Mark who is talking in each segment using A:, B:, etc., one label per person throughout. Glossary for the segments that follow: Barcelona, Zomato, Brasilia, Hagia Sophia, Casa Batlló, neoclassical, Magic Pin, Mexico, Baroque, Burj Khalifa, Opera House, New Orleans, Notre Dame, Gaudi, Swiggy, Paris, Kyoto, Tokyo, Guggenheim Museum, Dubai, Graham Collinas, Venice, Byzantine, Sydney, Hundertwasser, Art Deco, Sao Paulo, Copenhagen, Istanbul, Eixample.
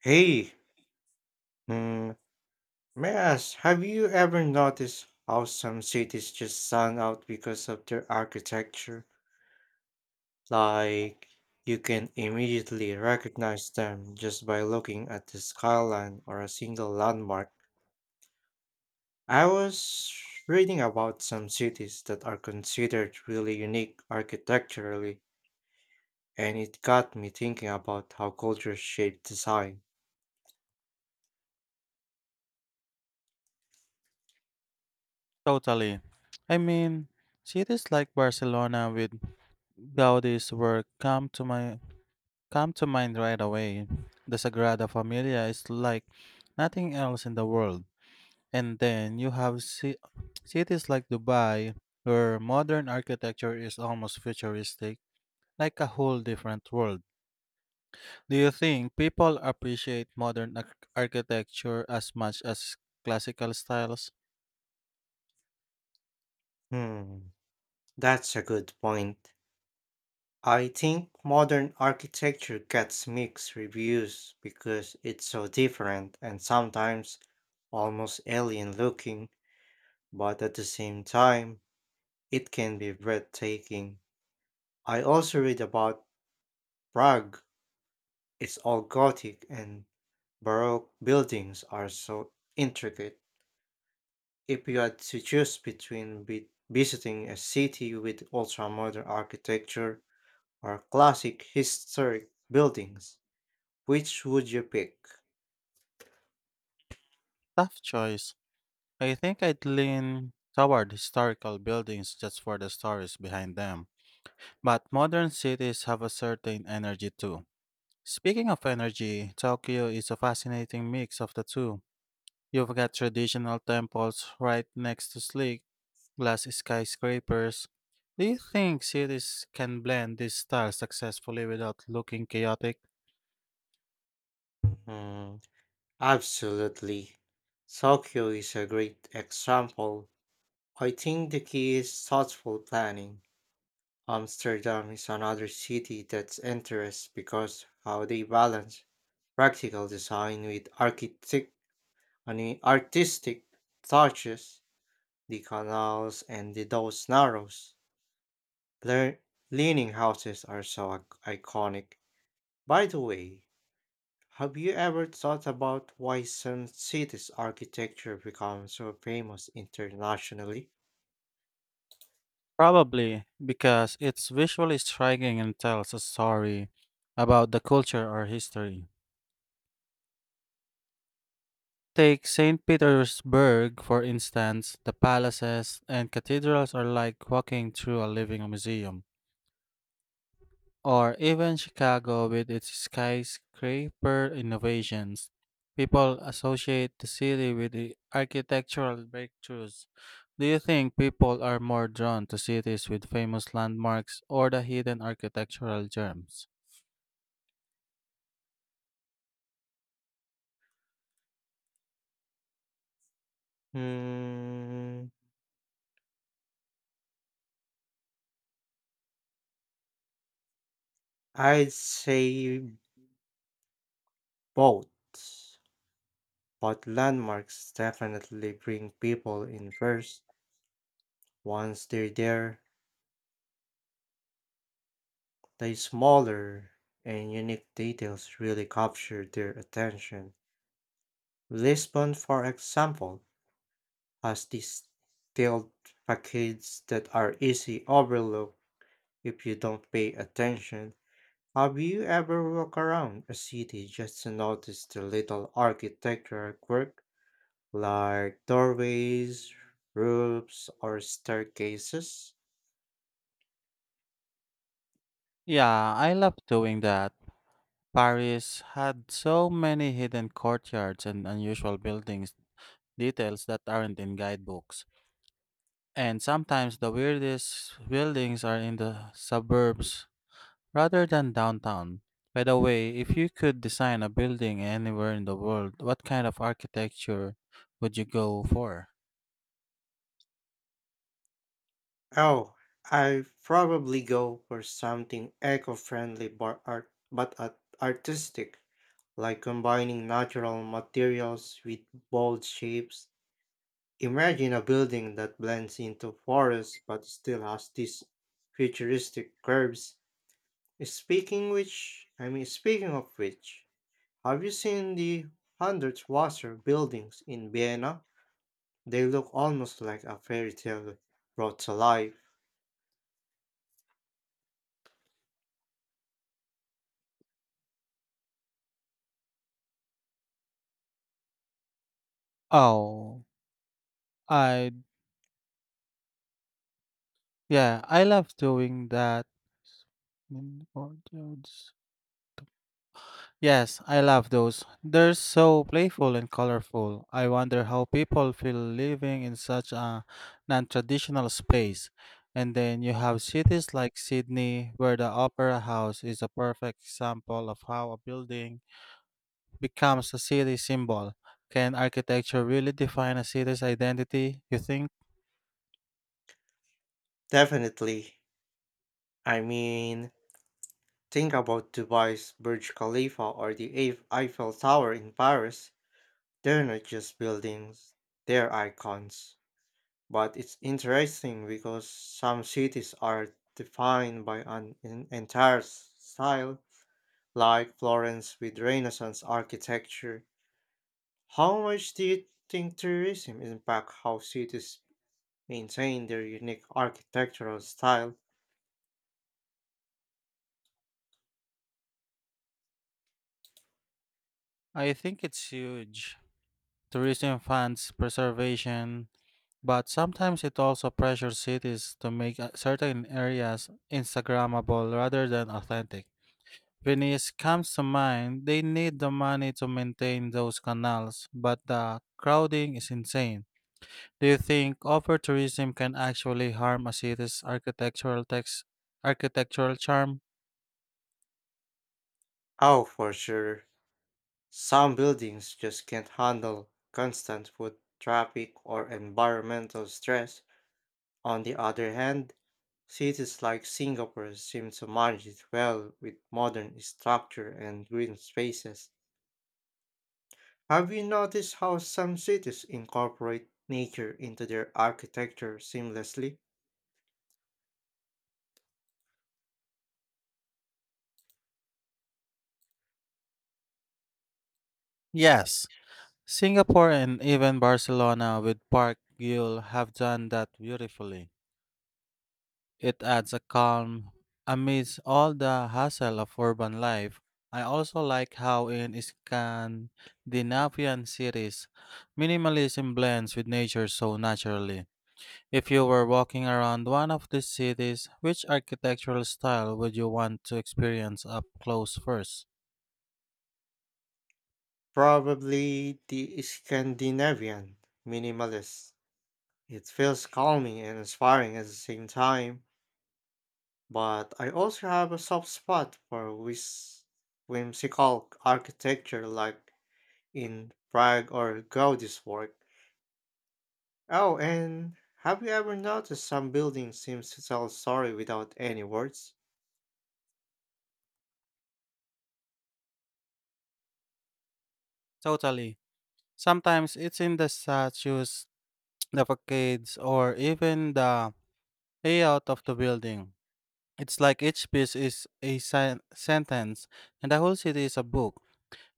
A: Hey, hmm, may I ask, have you ever noticed how some cities just stand out because of their architecture? Like, you can immediately recognize them just by looking at the skyline or a single landmark. I was reading about some cities that are considered really unique architecturally, and it got me thinking about how culture shapes design.
B: Totally. I mean, cities like Barcelona with Gaudi's work come to my come to mind right away. The Sagrada Familia is like nothing else in the world. And then you have cities like Dubai where modern architecture is almost futuristic, like a whole different world. Do you think people appreciate modern architecture as much as classical styles?
A: Hmm, that's a good point. I think modern architecture gets mixed reviews because it's so different and sometimes almost alien looking, but at the same time, it can be breathtaking. I also read about Prague, it's all Gothic and Baroque buildings are so intricate. If you had to choose between visiting a city with ultra modern architecture or classic historic buildings, which would you pick?
B: Tough choice. I think I'd lean toward historical buildings just for the stories behind them. But modern cities have a certain energy too. Speaking of energy, Tokyo is a fascinating mix of the two. You've got traditional temples right next to sleek glass skyscrapers. Do you think cities can blend these styles successfully without looking chaotic?
A: Hmm. Absolutely. Tokyo is a great example. I think the key is thoughtful planning. Amsterdam is another city that's interesting because how they balance practical design with artistic touches, the canals and the those narrows. Lear- Leaning houses are so iconic. By the way, have you ever thought about why some cities' architecture becomes so famous internationally?
B: Probably because it's visually striking and tells a story about the culture or history. Take St. Petersburg, for instance, the palaces and cathedrals are like walking through a living museum. Or even Chicago with its skyscraper innovations. People associate the city with the architectural breakthroughs. Do you think people are more drawn to cities with famous landmarks or the hidden architectural gems?
A: Hmm, I'd say both, but landmarks definitely bring people in first. Once they're there, the smaller and unique details really capture their attention. Lisbon, for example, has these tiered facades that are easily overlooked if you don't pay attention. Have you ever walked around a city just to notice the little architectural quirk, like doorways, roofs, or staircases?
B: Yeah, I love doing that. Paris had so many hidden courtyards and unusual buildings, details that aren't in guidebooks. And sometimes the weirdest buildings are in the suburbs rather than downtown. By the way, if you could design a building anywhere in the world, what kind of architecture would you go for?
A: Oh, I probably go for something eco-friendly but artistic, like combining natural materials with bold shapes. Imagine a building that blends into forest but still has these futuristic curves. Speaking of which, have you seen the hundred Wasser buildings in Vienna? They look almost like a fairy tale brought to life.
B: Oh, I Yeah, I love doing that. Hidden courtyards. Yes, I love those. They're so playful and colorful. I wonder how people feel living in such a non traditional space. And then you have cities like Sydney, where the Opera House is a perfect example of how a building becomes a city symbol. Can architecture really define a city's identity, you think?
A: Definitely. I mean, think about Dubai's Burj Khalifa or the Eiffel Tower in Paris. They're not just buildings, they're icons. But it's interesting because some cities are defined by an entire style like Florence with Renaissance architecture. How much do you think tourism impacts how cities maintain their unique architectural style?
B: I think it's huge. Tourism funds preservation, but sometimes it also pressures cities to make certain areas Instagrammable rather than authentic. Venice comes to mind, they need the money to maintain those canals, but the crowding is insane. Do you think over tourism can actually harm a city's architectural charm?
A: Oh, for sure. Some buildings just can't handle constant foot traffic or environmental stress. On the other hand, cities like Singapore seem to manage it well with modern structure and green spaces. Have you noticed how some cities incorporate nature into their architecture seamlessly?
B: Yes. Singapore and even Barcelona with Park Güell have done that beautifully. It adds a calm amidst all the hassle of urban life. I also like how in Scandinavian cities, minimalism blends with nature so naturally. If you were walking around one of these cities, which architectural style would you want to experience up close first?
A: Probably the Scandinavian minimalist. It feels calming and inspiring at the same time, but I also have a soft spot for whimsical architecture like in Prague or Gaudi's work. Oh, and have you ever noticed some buildings seem to tell a story without any words?
B: Totally. Sometimes it's in the statues, the facades, or even the layout of the building. It's like each piece is a sentence, and the whole city is a book.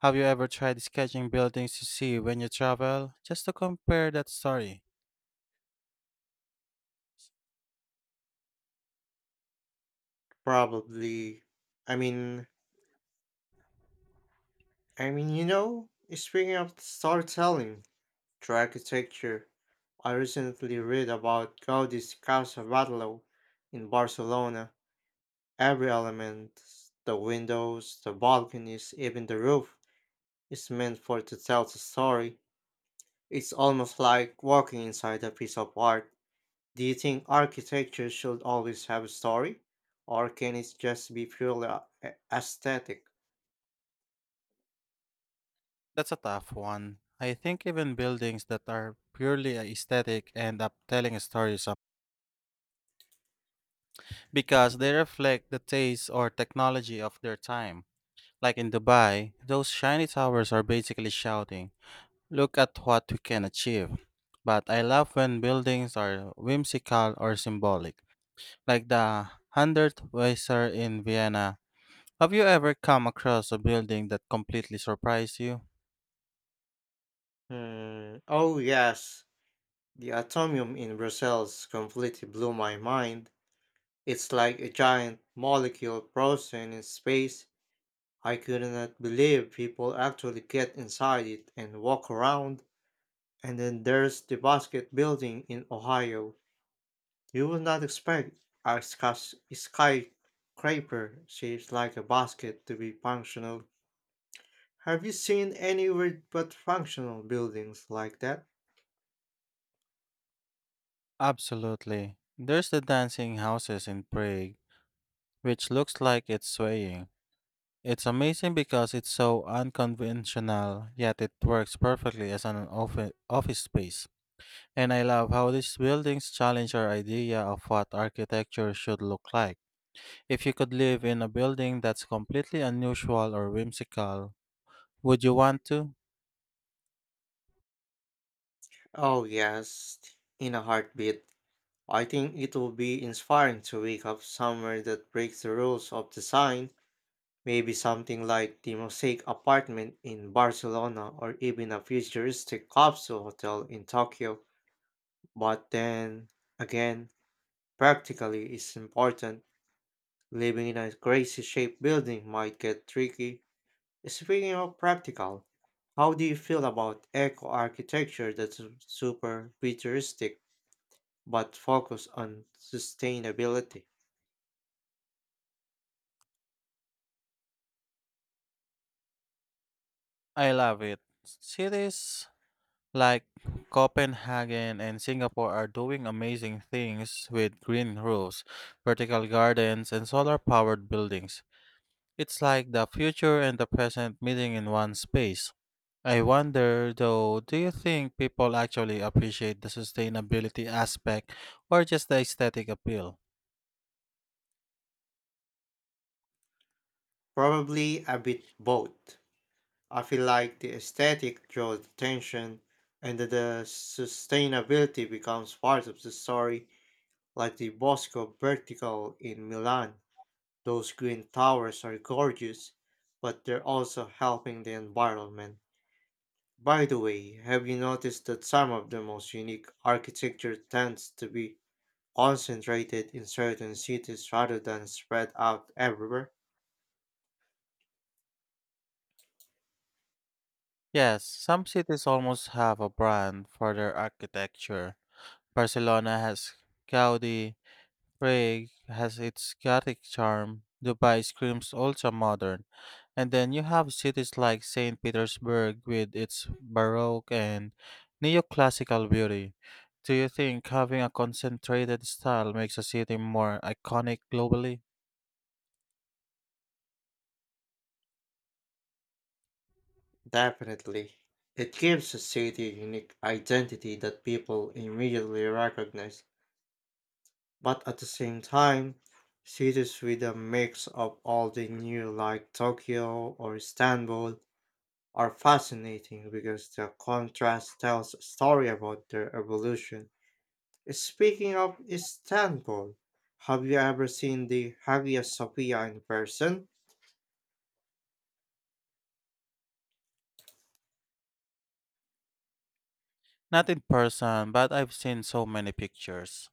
B: Have you ever tried sketching buildings you see when you travel? Just to compare that story.
A: Probably I mean, I mean, you know, Speaking of storytelling through architecture, I recently read about Gaudi's Casa Batlló in Barcelona. Every element, the windows, the balconies, even the roof, is meant for to tell the story. It's almost like walking inside a piece of art. Do you think architecture should always have a story? Or can it just be purely aesthetic?
B: That's a tough one. I think even buildings that are purely aesthetic end up telling a story some because they reflect the taste or technology of their time. Like in Dubai, those shiny towers are basically shouting, look at what we can achieve. But I love when buildings are whimsical or symbolic, like the Hundertwasser in Vienna. Have you ever come across a building that completely surprised you?
A: Hmm. Oh, yes. The atomium in Brussels completely blew my mind. It's like a giant molecule frozen in space. I could not believe people actually get inside it and walk around. And then there's the basket building in Ohio. You would not expect a skyscraper shaped like a basket to be functional. Have you seen any weird but functional buildings like that?
B: Absolutely. There's the dancing houses in Prague, which looks like it's swaying. It's amazing because it's so unconventional, yet it works perfectly as an office space. And I love how these buildings challenge our idea of what architecture should look like. If you could live in a building that's completely unusual or whimsical, would you want to?
A: Oh, yes, in a heartbeat. I think it will be inspiring to wake up somewhere that breaks the rules of design, maybe something like the Mosaic apartment in Barcelona or even a futuristic capsule hotel in Tokyo. But then again, practically is important. Living in a crazy shaped building might get tricky. Speaking of practical, how do you feel about eco architecture that's super futuristic but focus on sustainability?
B: I love it. Cities like Copenhagen and Singapore are doing amazing things with green roofs, vertical gardens, and solar powered buildings. It's like the future and the present meeting in one space. I wonder though, do you think people actually appreciate the sustainability aspect or just the aesthetic appeal?
A: Probably a bit both. I feel like the aesthetic draws attention and the sustainability becomes part of the story, like the Bosco Vertical in Milan. Those green towers are gorgeous, but they're also helping the environment. By the way, have you noticed that some of the most unique architecture tends to be concentrated in certain cities rather than spread out everywhere?
B: Yes, some cities almost have a brand for their architecture. Barcelona has Gaudi, Prague has its Gothic charm, Dubai screams ultra-modern, and then you have cities like St. Petersburg with its Baroque and neoclassical beauty. Do you think having a concentrated style makes a city more iconic globally?
A: Definitely. It gives a city a unique identity that people immediately recognize. But at the same time, cities with a mix of all the new, like Tokyo or Istanbul, are fascinating because the contrast tells a story about their evolution. Speaking of Istanbul, have you ever seen the Hagia Sophia in person?
B: Not in person, but I've seen so many pictures.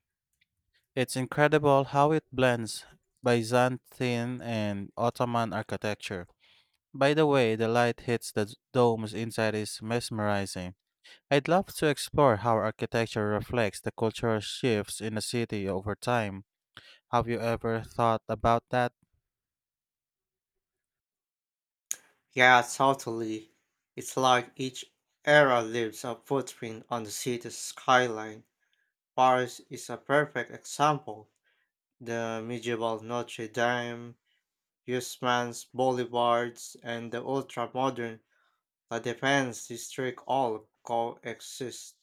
B: It's incredible how it blends Byzantine and Ottoman architecture. By the way, the light hits the domes inside is mesmerizing. I'd love to explore how architecture reflects the cultural shifts in a city over time. Have you ever thought about that?
A: Yeah, totally. It's like each era leaves a footprint on the city's skyline. Paris is a perfect example. The medieval Notre Dame, Usman's boulevards, and the ultra-modern La Défense district all coexist.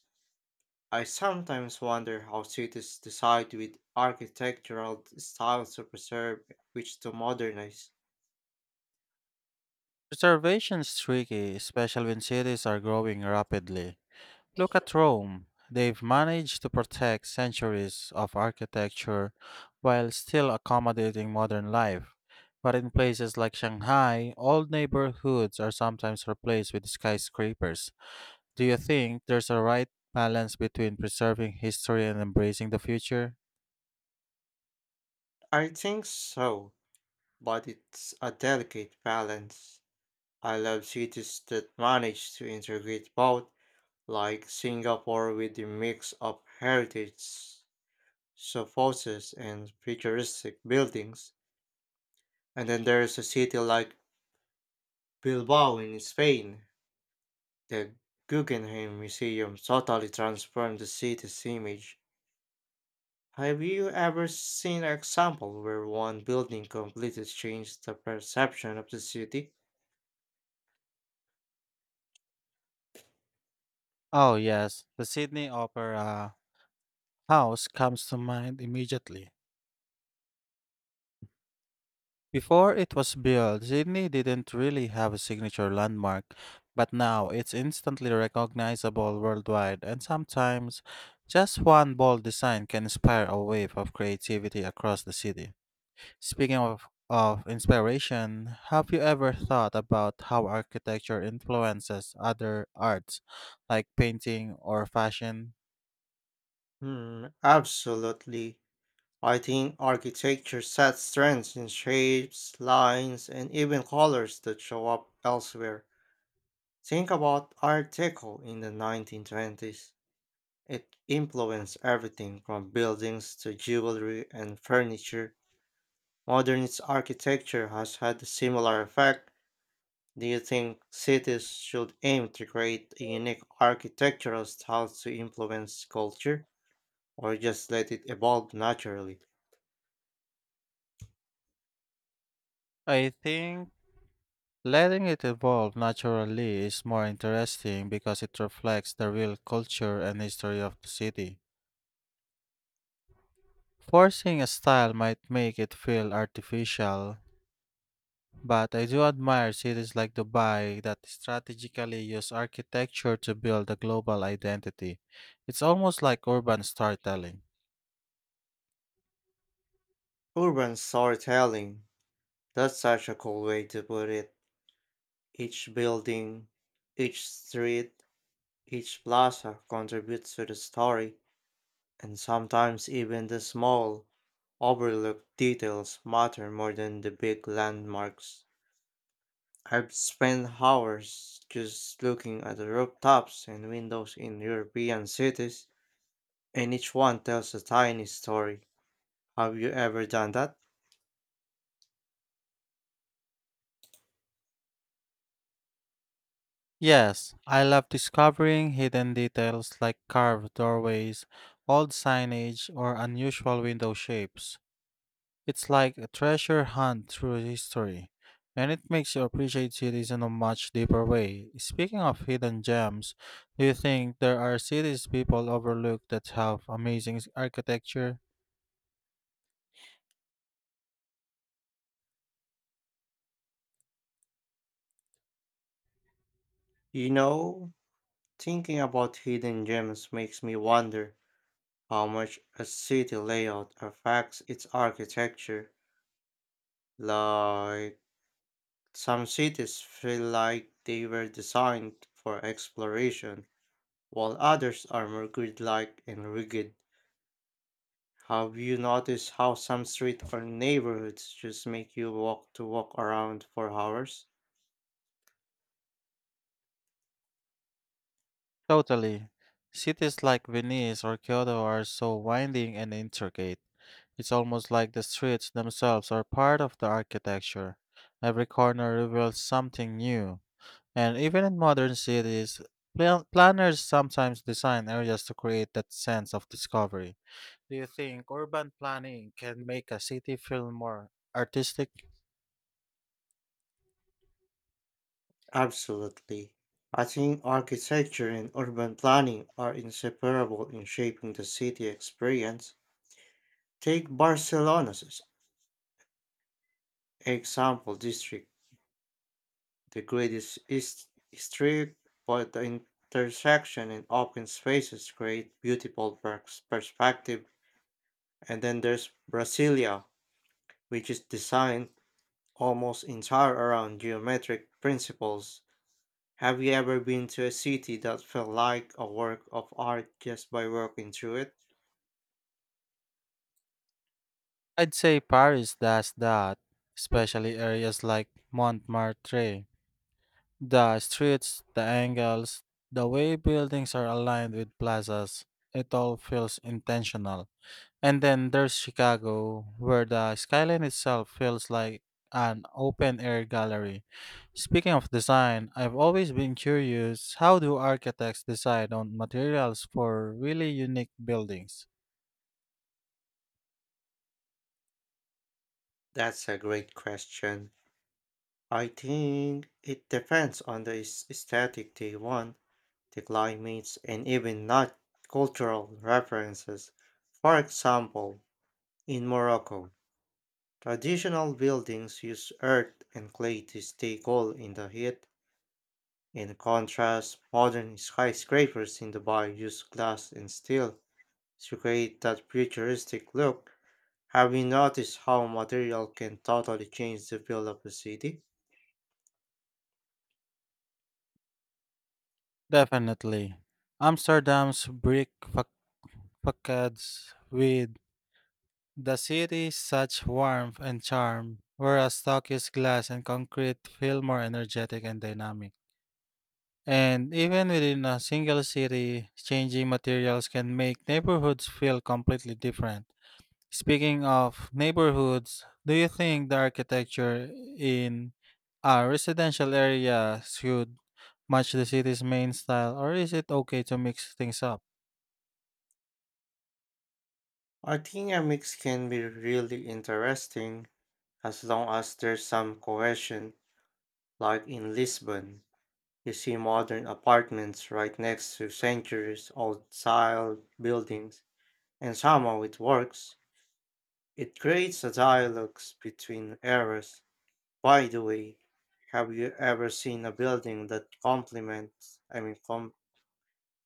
A: I sometimes wonder how cities decide with architectural styles to preserve which to modernize.
B: Preservation's tricky, especially when cities are growing rapidly. Look at Rome. They've managed to protect centuries of architecture while still accommodating modern life. But in places like Shanghai, old neighborhoods are sometimes replaced with skyscrapers. Do you think there's a right balance between preserving history and embracing the future?
A: I think so, but it's a delicate balance. I love cities that manage to integrate both, like Singapore with a mix of heritage so forces and futuristic buildings. And then there's a city like Bilbao in Spain. The Guggenheim Museum totally transformed the city's image. Have you ever seen an example where one building completely changed the perception of the city?
B: Oh, yes. The Sydney Opera House comes to mind immediately. Before it was built, Sydney didn't really have a signature landmark, but now it's instantly recognizable worldwide, and sometimes just one bold design can inspire a wave of creativity across the city. Speaking of inspiration, have you ever thought about how architecture influences other arts like painting or fashion?
A: Absolutely. I think architecture sets trends in shapes, lines, and even colors that show up elsewhere. Think about Art Deco in the 1920s. It influenced everything from buildings to jewelry and furniture. Modernist architecture has had a similar effect. Do you think cities should aim to create a unique architectural style to influence culture, or just let it evolve naturally?
B: I think letting it evolve naturally is more interesting because it reflects the real culture and history of the city. Forcing a style might make it feel artificial, but I do admire cities like Dubai that strategically use architecture to build a global identity. It's almost like urban storytelling.
A: Urban storytelling. That's such a cool way to put it. Each building, each street, each plaza contributes to the story, and sometimes even the small, overlooked details matter more than the big landmarks. I've spent hours just looking at the rooftops and windows in European cities, and each one tells a tiny story. Have you ever done that?
B: Yes, I love discovering hidden details like carved doorways, old signage, or unusual window shapes. It's like a treasure hunt through history, and it makes you appreciate cities in a much deeper way. Speaking of hidden gems, do you think there are cities people overlook that have amazing architecture?
A: You know, thinking about hidden gems makes me wonder how much a city layout affects its architecture. Like, some cities feel like they were designed for exploration, while others are more grid like and rigid. Have you noticed how some street or neighborhoods just make you walk around for hours?
B: Totally. Cities like Venice or Kyoto are so winding and intricate. It's almost like the streets themselves are part of the architecture. Every corner reveals something new. And even in modern cities, planners sometimes design areas to create that sense of discovery. Do you think urban planning can make a city feel more artistic?
A: Absolutely. I think architecture and urban planning are inseparable in shaping the city experience. Take Barcelona's Example district. The grid is strict, but the intersection and open spaces create beautiful perspective. And then there's Brasilia, which is designed almost entire around geometric principles. Have you ever been to a city that felt like a work of art just by walking through it?
B: I'd say Paris does that, especially areas like Montmartre. The streets, the angles, the way buildings are aligned with plazas, it all feels intentional. And then there's Chicago, where the skyline itself feels like an open air gallery. Speaking of design, I've always been curious how do architects decide on materials for really unique buildings?
A: That's a great question. I think it depends on the aesthetic they want, the climates, and even not cultural references. For example, in Morocco, traditional buildings use earth and clay to stay cool in the heat. In contrast, modern skyscrapers in Dubai use glass and steel, to create that futuristic look. Have you noticed how material can totally change the feel of a city?
B: Definitely. Amsterdam's brick facades with the city's such warmth and charm, whereas Tokyo's glass and concrete feel more energetic and dynamic. And even within a single city, changing materials can make neighborhoods feel completely different. Speaking of neighborhoods, do you think the architecture in a residential area should match the city's main style, or is it okay to mix things up?
A: I think a mix can be really interesting as long as there's some cohesion, like in Lisbon. You see modern apartments right next to centuries old style buildings, and somehow it works. It creates a dialogue between eras. By the way, have you ever seen a building that complements, I mean, com-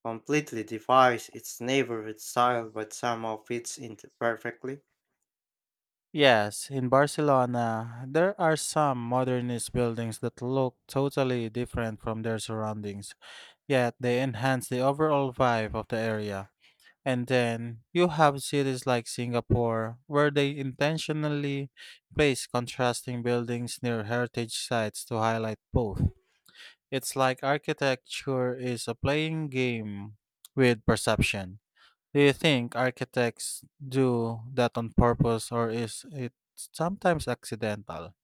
A: completely defies its neighborhood style but somehow fits into perfectly?
B: Yes, in Barcelona, there are some modernist buildings that look totally different from their surroundings, yet they enhance the overall vibe of the area. And then you have cities like Singapore, where they intentionally place contrasting buildings near heritage sites to highlight both. It's like architecture is a playing game with perception. Do you think architects do that on purpose or is it sometimes accidental?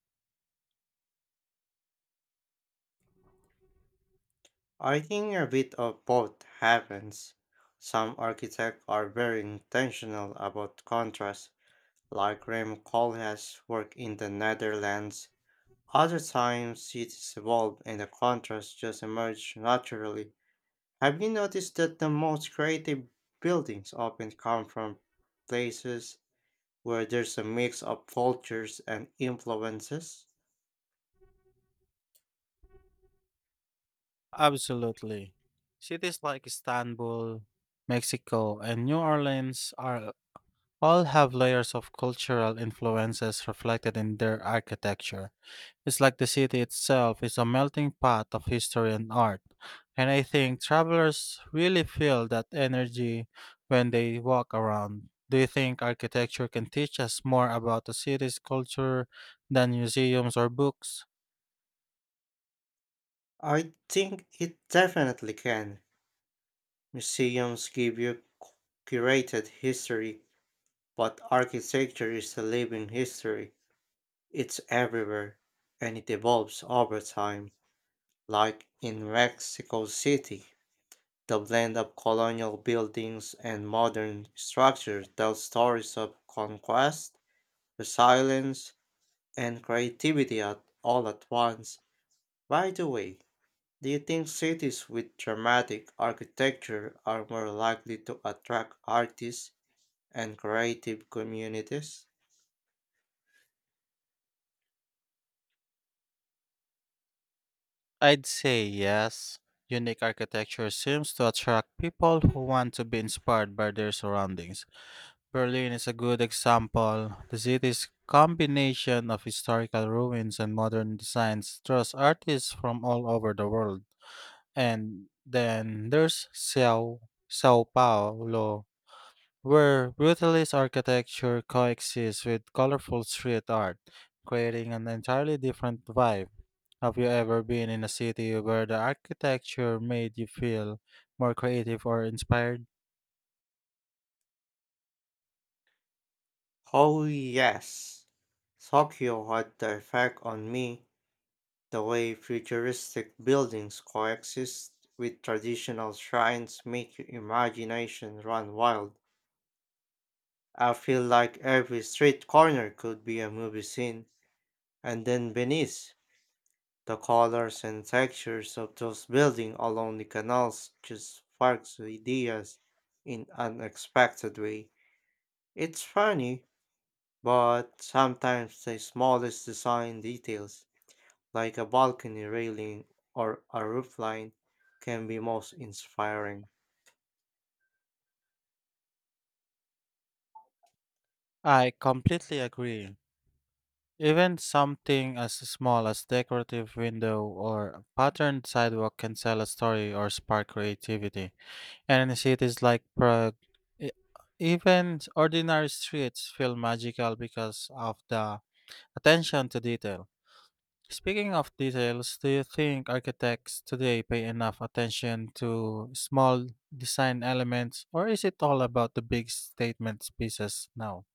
A: I think a bit of both happens. Some architects are very intentional about contrast like Graham Collinas' work in the Netherlands. Other times cities evolve and the contrasts just emerge naturally. Have you noticed that the most creative buildings often come from places where there's a mix of cultures and influences?
B: Absolutely. Cities like Istanbul, Mexico, and New Orleans are all have layers of cultural influences reflected in their architecture. It's like the city itself is a melting pot of history and art. And I think travelers really feel that energy when they walk around. Do you think architecture can teach us more about a city's culture than museums or books?
A: I think it definitely can. Museums give you curated history, but architecture is a living history. It's everywhere and it evolves over time. Like in Mexico City, the blend of colonial buildings and modern structures tells stories of conquest, resilience, and creativity at all at once. By the way, do you think cities with dramatic architecture are more likely to attract artists and creative communities?
B: I'd say yes. Unique architecture seems to attract people who want to be inspired by their surroundings. Berlin is a good example. The city's combination of historical ruins and modern designs draws artists from all over the world. And then there's Sao Paulo, where brutalist architecture coexists with colorful street art, creating an entirely different vibe. Have you ever been in a city where the architecture made you feel more creative or inspired?
A: Oh, yes. Tokyo had the effect on me. The way futuristic buildings coexist with traditional shrines make your imagination run wild. I feel like every street corner could be a movie scene, and then beneath, the colors and textures of those buildings along the canals just sparks ideas in unexpected way. It's funny, but sometimes the smallest design details like a balcony railing or a roofline, can be most inspiring.
B: I completely agree. Even something as small as decorative window or patterned sidewalk can tell a story or spark creativity. And in cities like Prague, e- even ordinary streets feel magical because of the attention to detail. Speaking of details, do you think architects today pay enough attention to small design elements, or is it all about the big statement pieces now?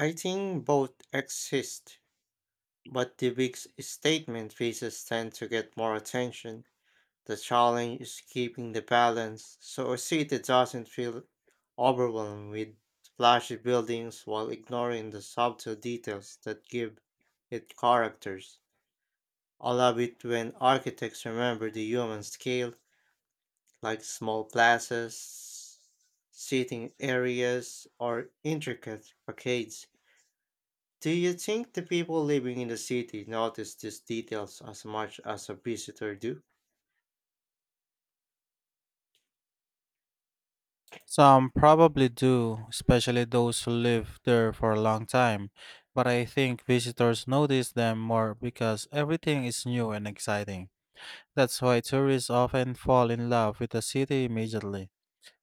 A: I think both exist, but the big statement pieces tend to get more attention. The challenge is keeping the balance so a city doesn't feel overwhelmed with flashy buildings while ignoring the subtle details that give it characters. I love it when architects remember the human scale like small plazas, seating areas, or intricate facades. Do you think the people living in the city notice these details as much as a visitor do?
B: Some probably do, especially those who live there for a long time, but I think visitors notice them more because everything is new and exciting. That's why tourists often fall in love with the city immediately.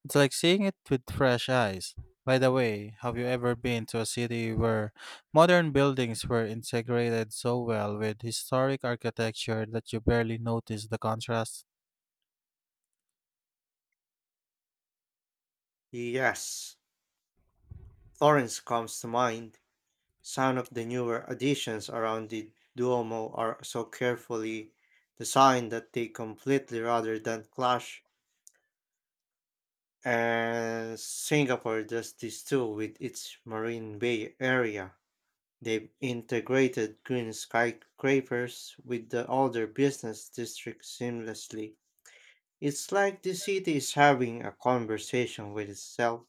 B: It's like seeing it with fresh eyes. By the way, have you ever been to a city where modern buildings were integrated so well with historic architecture that you barely notice the contrast?
A: Yes, Florence comes to mind. Some of the newer additions around the Duomo are so carefully designed that they completely rather than clash. And Singapore does this too with its Marine Bay area. They've integrated green skyscrapers with the older business districts seamlessly. It's like the city is having a conversation with itself.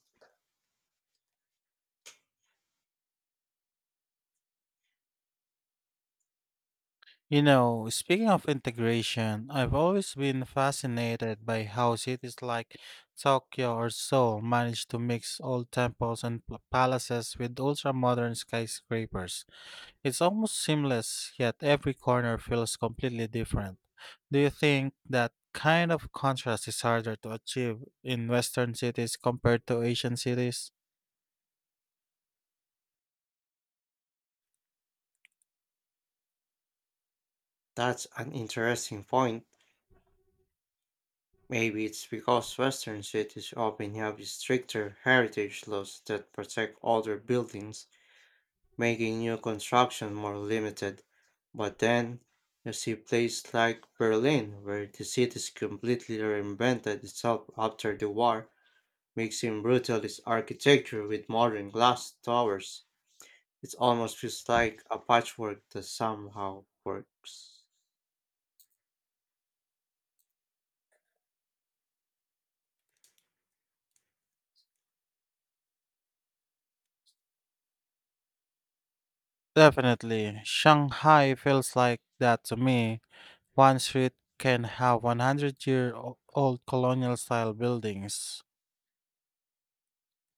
B: You know, speaking of integration, I've always been fascinated by how cities like Tokyo or Seoul manage to mix old temples and palaces with ultra-modern skyscrapers. It's almost seamless, yet every corner feels completely different. Do you think that kind of contrast is harder to achieve in Western cities compared to Asian cities?
A: That's an interesting point. Maybe it's because Western cities often have stricter heritage laws that protect older buildings, making new construction more limited. But then, you see places like Berlin, where the city completely reinvented itself after the war, mixing brutalist architecture with modern glass towers. It almost feels like a patchwork that somehow works.
B: Definitely. Shanghai feels like that to me. One street can have 100 year old colonial style buildings.